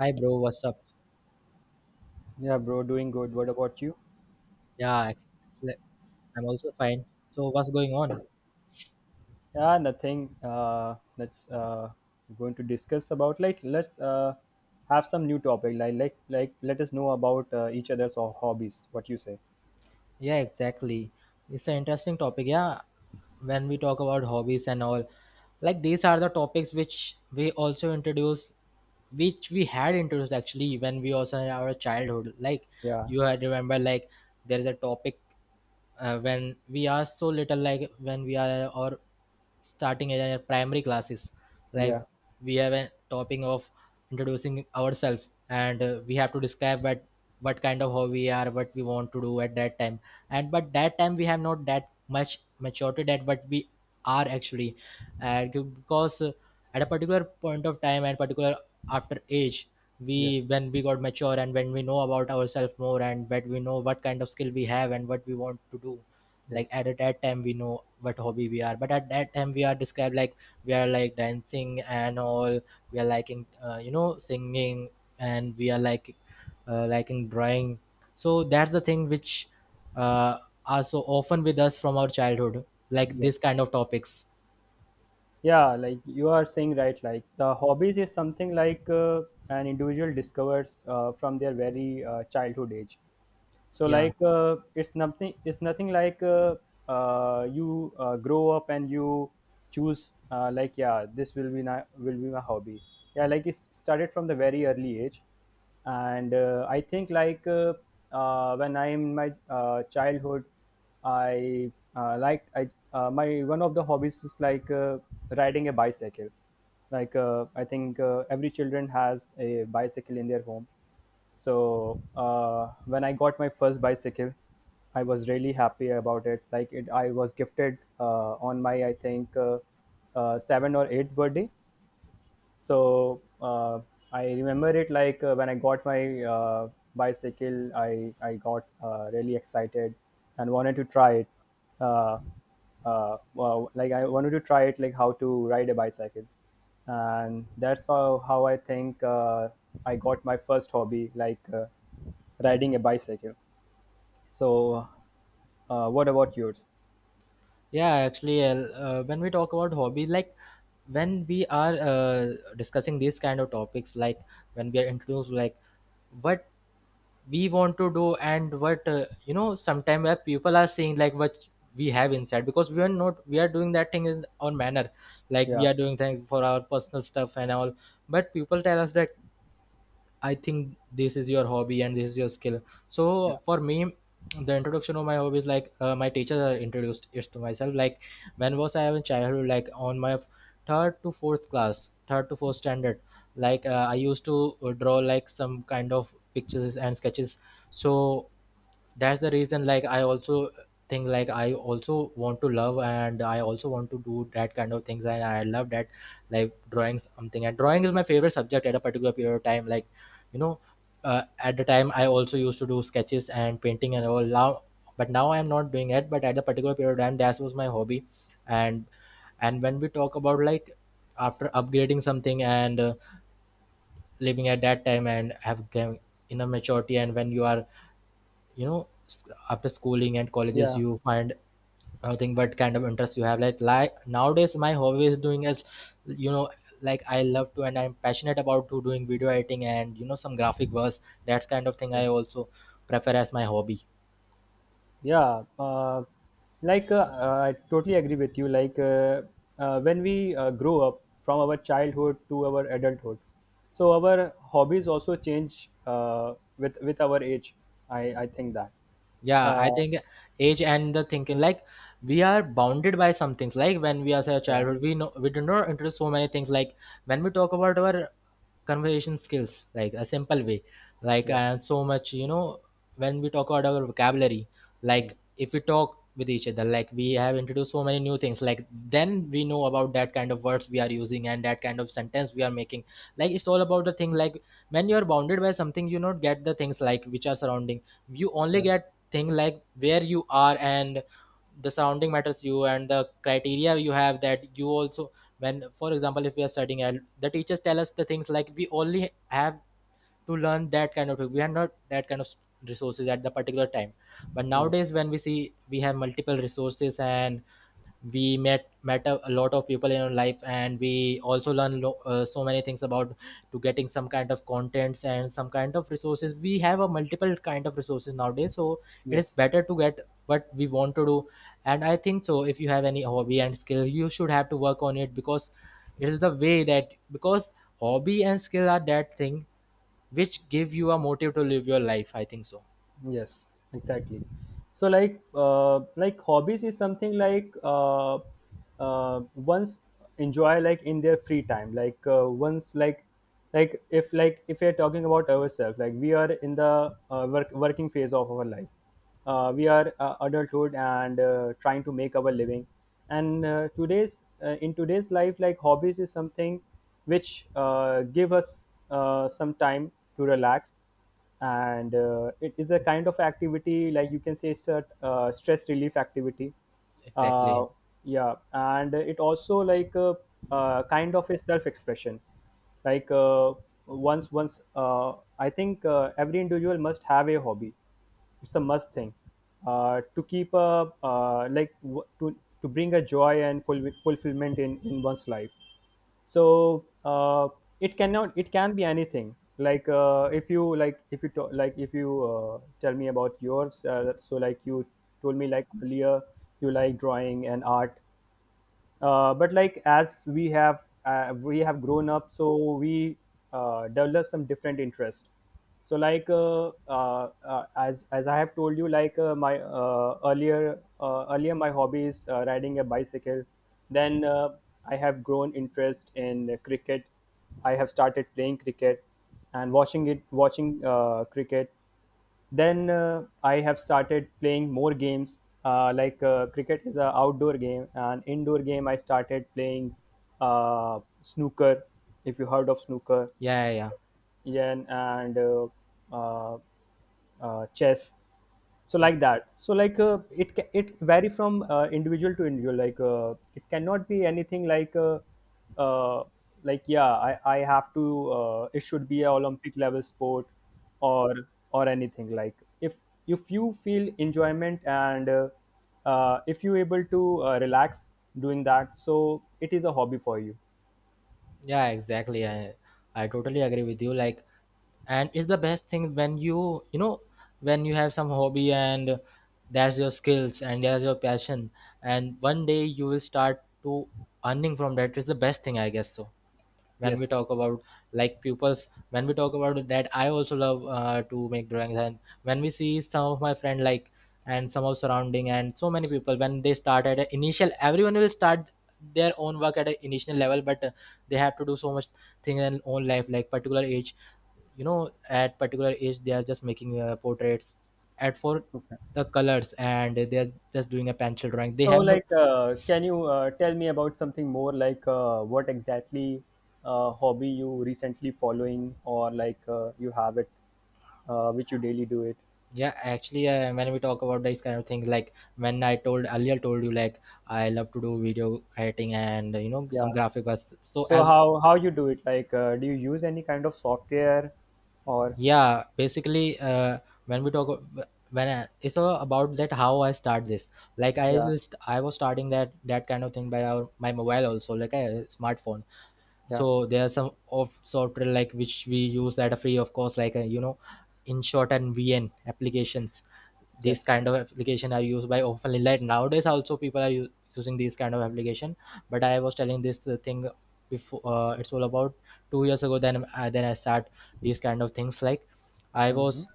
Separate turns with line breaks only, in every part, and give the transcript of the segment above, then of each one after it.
Hi, bro. What's up?
Yeah, bro, doing good. What about you?
Yeah, le- I'm also fine. So, what's going on?
Yeah, nothing. Let's going to discuss about like let's have some new topic. Like let us know about each other's hobbies. What you say?
Yeah, exactly. It's an interesting topic. Yeah, when we talk about hobbies and all, like these are the topics which we also introduce, which we had introduced actually when we also in our childhood. Like
Yeah,
you had remember, like there is a topic. When we are so little like when we are or starting in our primary classes
yeah,
like we have a topic of introducing ourselves and we have to describe what kind of hobby we are what we want to do at that time and but that time we have not that much maturity that what we are actually and because at a particular point of time and particular after age we
yes,
when we got mature and when we know about ourselves more and when we know what kind of skill we have and what we want to do like
yes,
at that time we know what hobby we are but at that time we are described like we are like dancing and all we are liking you know singing and we are like liking drawing so that's the thing which uh, are so often with us from our childhood like this
yes.
kind of topics.
Yeah, like you are saying right. Like the hobbies is something like an individual discovers from their very childhood age. So
Yeah.
like it's nothing like you grow up and you choose like yeah this will be my hobby. Yeah, like it started from the very early age, and I think when I am in my childhood, I like I my one of the hobbies is like riding a bicycle. Like I think every children has a bicycle in their home. So when I got my first bicycle, I was really happy about it, like it I was gifted on my I think 7 or 8th birthday. So I remember it like when I got my bicycle, I got really excited and wanted to try it. uh, well, like I wanted to try it like how to ride a bicycle, and that's how I think I got my first hobby like riding a bicycle. So what about yours?
Yeah, actually, when we talk about hobby, like when we are discussing these kind of topics, like when we are introduced, like what we want to do and what sometimes people are seeing like what we have inside because we are not we are doing that thing in our manner, like we
Yeah,
are doing things for our personal stuff and all. But people tell us that I think this is your hobby and this is your skill. So
yeah,
for me, the introduction of my hobby is like my teacher introduced it to myself. Like when was I in childhood? Like on my third to fourth class, third to fourth standard. Like I used to draw like some kind of pictures and sketches. So that's the reason like I also think like I also want to love and I also want to do that kind of things and I love that like drawing something and drawing is my favorite subject at a particular period of time like you know at the time I also used to do sketches and painting and all now but now I'm not doing it but at a particular period of time that was my hobby and when we talk about like after upgrading something and living at that time and have gain inner maturity and when you are you know s- after schooling and colleges you find nothing but kind of interest you have like nowadays my hobby is doing as you know like I love to and I'm passionate about to doing video editing and some graphic works. That's kind of thing
yeah.
I also prefer as my hobby.
Yeah, like uh, I totally agree with you. Like when we grow up from our childhood to our adulthood, so our hobbies also change with our age. I think that.
Yeah, I
Uh,
think age and the thinking like we are bounded by some things like when we are say a
yeah,
childhood we know we do not into so many things like when we talk about our conversation skills like a simple way like
yeah,
and so much you know when we talk about our vocabulary
mm,
like if we talk with each other like we have introduced so many new things like then we know about that kind of words we are using and that kind of sentence we are making like it's all about the thing like when you are bounded by something you not get the things like which are surrounding you only
yes,
get thing like where you are and the surrounding matters you and the criteria you have that you also when for example if we are studying and the teachers tell us the things like we only have to learn that kind of thing, we are not that kind of resources at the particular time but
yes,
nowadays when we see we have multiple resources and we met a lot of people in our life and we also learn so many things about to getting some kind of contents and some kind of resources we have a multiple kind of resources nowadays so it is
yes.
better to get what we want to do and I think so if you have any hobby and skill you should have to work on it because it is the way that because hobby and skill are that thing which give you a motive to live your life, I think so.
Yes, exactly. So like hobbies is something like once enjoy like in their free time, like once like if we are talking about ourselves, like we are in the work, working phase of our life. We are adulthood and trying to make our living. And today's in today's life, like hobbies is something which give us some time to relax. And it is a kind of activity, like you can say it's a stress relief activity.
Exactly.
uh, yeah, and it also like a, kind of a self expression. Like once I think every individual must have a hobby. It's a must thing to keep a like to bring a joy and full fulfillment in one's life. So it cannot it can be anything like if you like if you to, like if you tell me about yours so like you told me like earlier you like drawing and art. But like as we have grown up, so we develop some different interest. So like as I have told you, like my earlier my hobby is riding a bicycle. Then I have grown interest in cricket, I have started playing cricket and watching it watching cricket. Then I have started playing more games like cricket is an outdoor game, and indoor game I started playing snooker. If you heard of snooker?
Yeah, yeah, yeah.
Yen and uh, chess. So like that, so like it it vary from individual to individual. Like it cannot be anything uh, like yeah I have to it should be a olympic level sport, or or anything like if if you feel enjoyment and if you able to relax doing that, so it is a hobby for you.
Yeah, exactly. I totally agree with you. Like, and it's the best thing when when you have some hobby and there's your skills and there's your passion, and one day you will start to earning from that. It's the best thing, I guess, so when we
Yes.
talk about like pupils when we talk about that I also love to make drawings and when we see some of my friend like and some of surrounding and so many people when they start at a initial everyone will start their own work at an initial level but they have to do so much thing in own life like particular age you know at particular age they are just making portraits at for the colors and they are just doing a pencil drawing they
So,
have no.
like, can you tell me about something more, like what exactly hobby you recently following, or like you have it, which you daily do it?
Yeah, actually, when we talk about this kind of things, like when I told earlier, told you like I love to do video editing and some
Yeah.
graphic arts. So
So
as
how you do it? Like, do you use any kind of software, or
yeah, basically, when we talk ab- when I, it's all about that how I start this. Like
yeah,
I was starting that kind of thing by our my mobile also, like a smartphone.
yeah,
So there are some of software like which we use at a free of course, like in short and vn applications. These
yes.
kind of application are used by often like nowadays also people are using these kind of application but I was telling this thing before it's all about 2 years ago then I start these kind of things like I
Mm-hmm.
was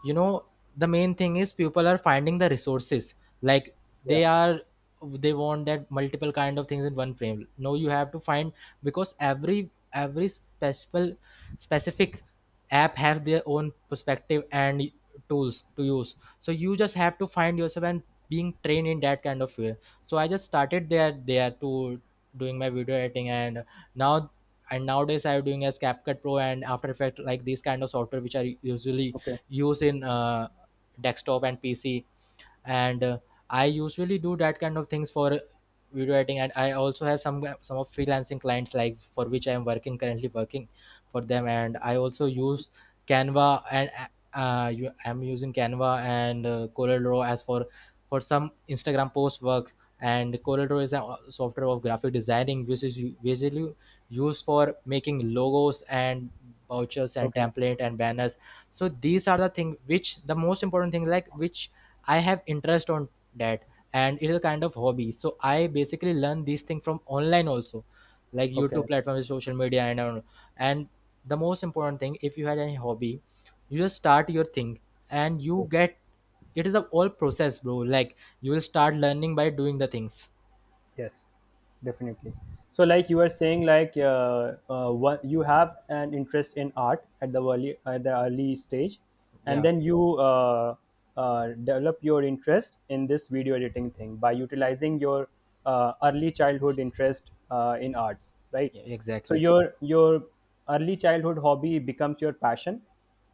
you know the main thing is people are finding the resources like
Yeah.
they are they want that multiple kind of things in one frame no you have to find because every special specific app have their own perspective and tools to use so you just have to find yourself and being trained in that kind of way so I just started there there to doing my video editing now and nowadays I'm doing as CapCut Pro and After Effects, like these kind of software which are usually
Okay.
used in desktop and PC and I usually do that kind of things for video editing and I also have some of freelancing clients like for which I am working currently working for them and I also use Canva and I'm using Canva and Draw as for some Instagram post work and Draw is a software of graphic designing which is basically used for making logos and vouchers and
Okay.
template and banners. So these are the thing which the most important thing like which I have interest on that and it is a kind of hobby. So I basically learn these things from online also, like YouTube
Okay.
platforms, social media, and all. And the most important thing, if you had any hobby, you just start your thing, and you
Yes.
get. It is a whole process, bro. Like you will start learning by doing the things.
Yes, definitely. So, like you were saying, like what you have an interest in art at the early stage, and
Yeah,
then you develop your interest in this video editing thing by utilizing your early childhood interest in arts, right?
yeah,
So
exactly.
your early childhood hobby becomes your passion,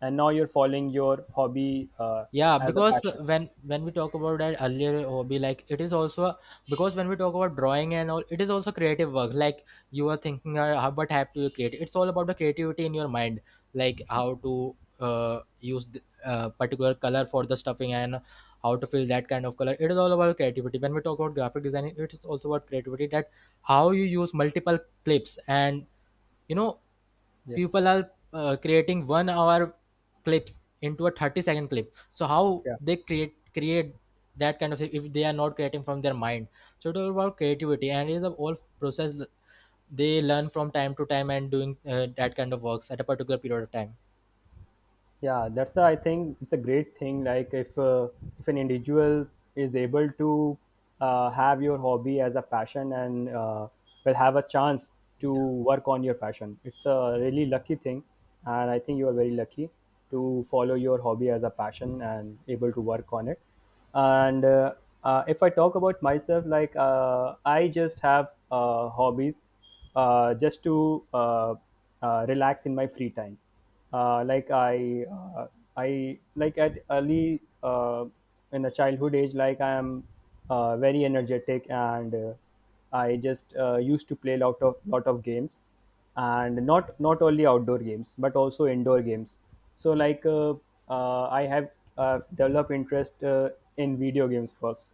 and now you're following your hobby
Yeah,
as a
because
passion.
when we talk about that earlier hobby like it is also because when we talk about drawing and all it is also creative work like you are thinking what have to you create it's all about the creativity in your mind like how to use particular color for the stuffing and how to fill that kind of color it is all about creativity when we talk about graphic designing it is also about creativity that how you use multiple clips and you know
Yes.
people are creating 1 hour clips into a 30-second clip so how
Yeah.
they create that kind of thing if they are not creating from their mind so it is about creativity and it is a whole process they learn from time to time and doing that kind of works at a particular period of time.
Yeah, that's a, I think it's a great thing, like if an individual is able to have your hobby as a passion and will have a chance to work on your passion, it's a really lucky thing. And I think you are very lucky to follow your hobby as a passion and able to work on it. And if I talk about myself, like I just have hobbies just to relax in my free time. Like I like at early in a childhood age, like I am very energetic and I just used to play lot of games, and not not only outdoor games but also indoor games. So like I have developed interest in video games first.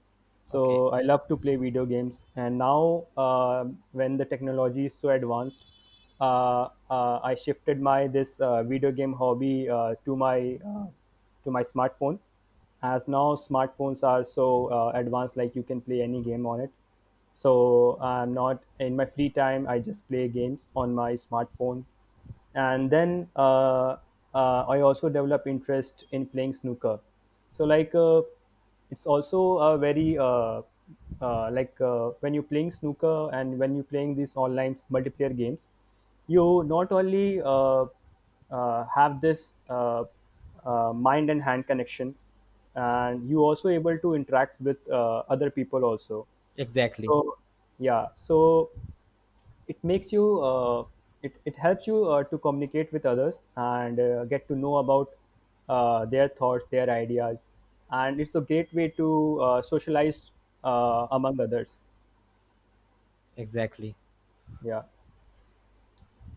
Okay.
So I love to play video games, and now when the technology is so advanced, uh, I shifted my this video game hobby uh, to my smartphone, as now smartphones are so advanced, like you can play any game on it. So I'm not in my free time I just play games on my smartphone. And then I also develop interest in playing snooker. So like it's also a very like when you're playing snooker and when you're playing these online multiplayer games, you not only have this mind and hand connection, and you also able to interact with other people also.
Exactly.
So yeah, so it makes you it, it helps you to communicate with others and get to know about their thoughts their ideas. And it's a great way to socialize among others.
Exactly.
Yeah.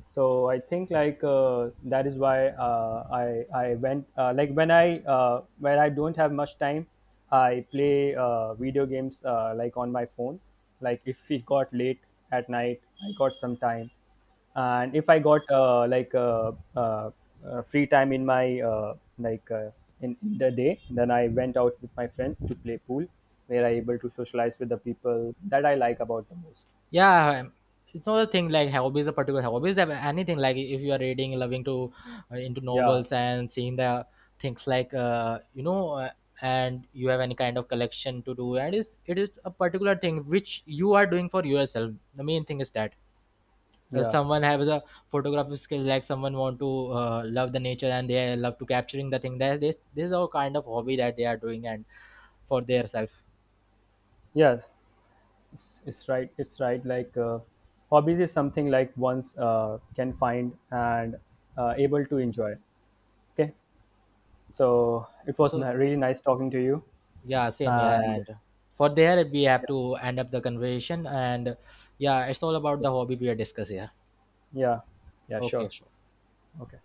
So I think like that is why I went like when I when I don't have much time, I play video games like on my phone. Like if it got late at night I got some time, and if I got free time in my in the day, then I went out with my friends to play pool, where I able to socialize with the people that I like about the most.
Yeah, it's not a thing like hobbies a particular hobbies have anything like if you are reading loving to into
Yeah.
novels and seeing the things like and you have any kind of collection to do and is it is a particular thing which you are doing for yourself the main thing is that
Yeah.
someone have the photography skill like someone want to love the nature and they love to capturing the thing that this is all kind of hobby that they are doing and for their self.
Yes, it's right it's right, like hobbies is something like one's can find and able to enjoy. Okay. So it was
So
really nice talking to you,
yeah, same here.
and
And for there, we have
yeah,
to end up the conversation. And yeah, it's all about
yeah,
the hobby we are discussing here.
yeah, yeah
Okay,
sure.
sure.
Okay.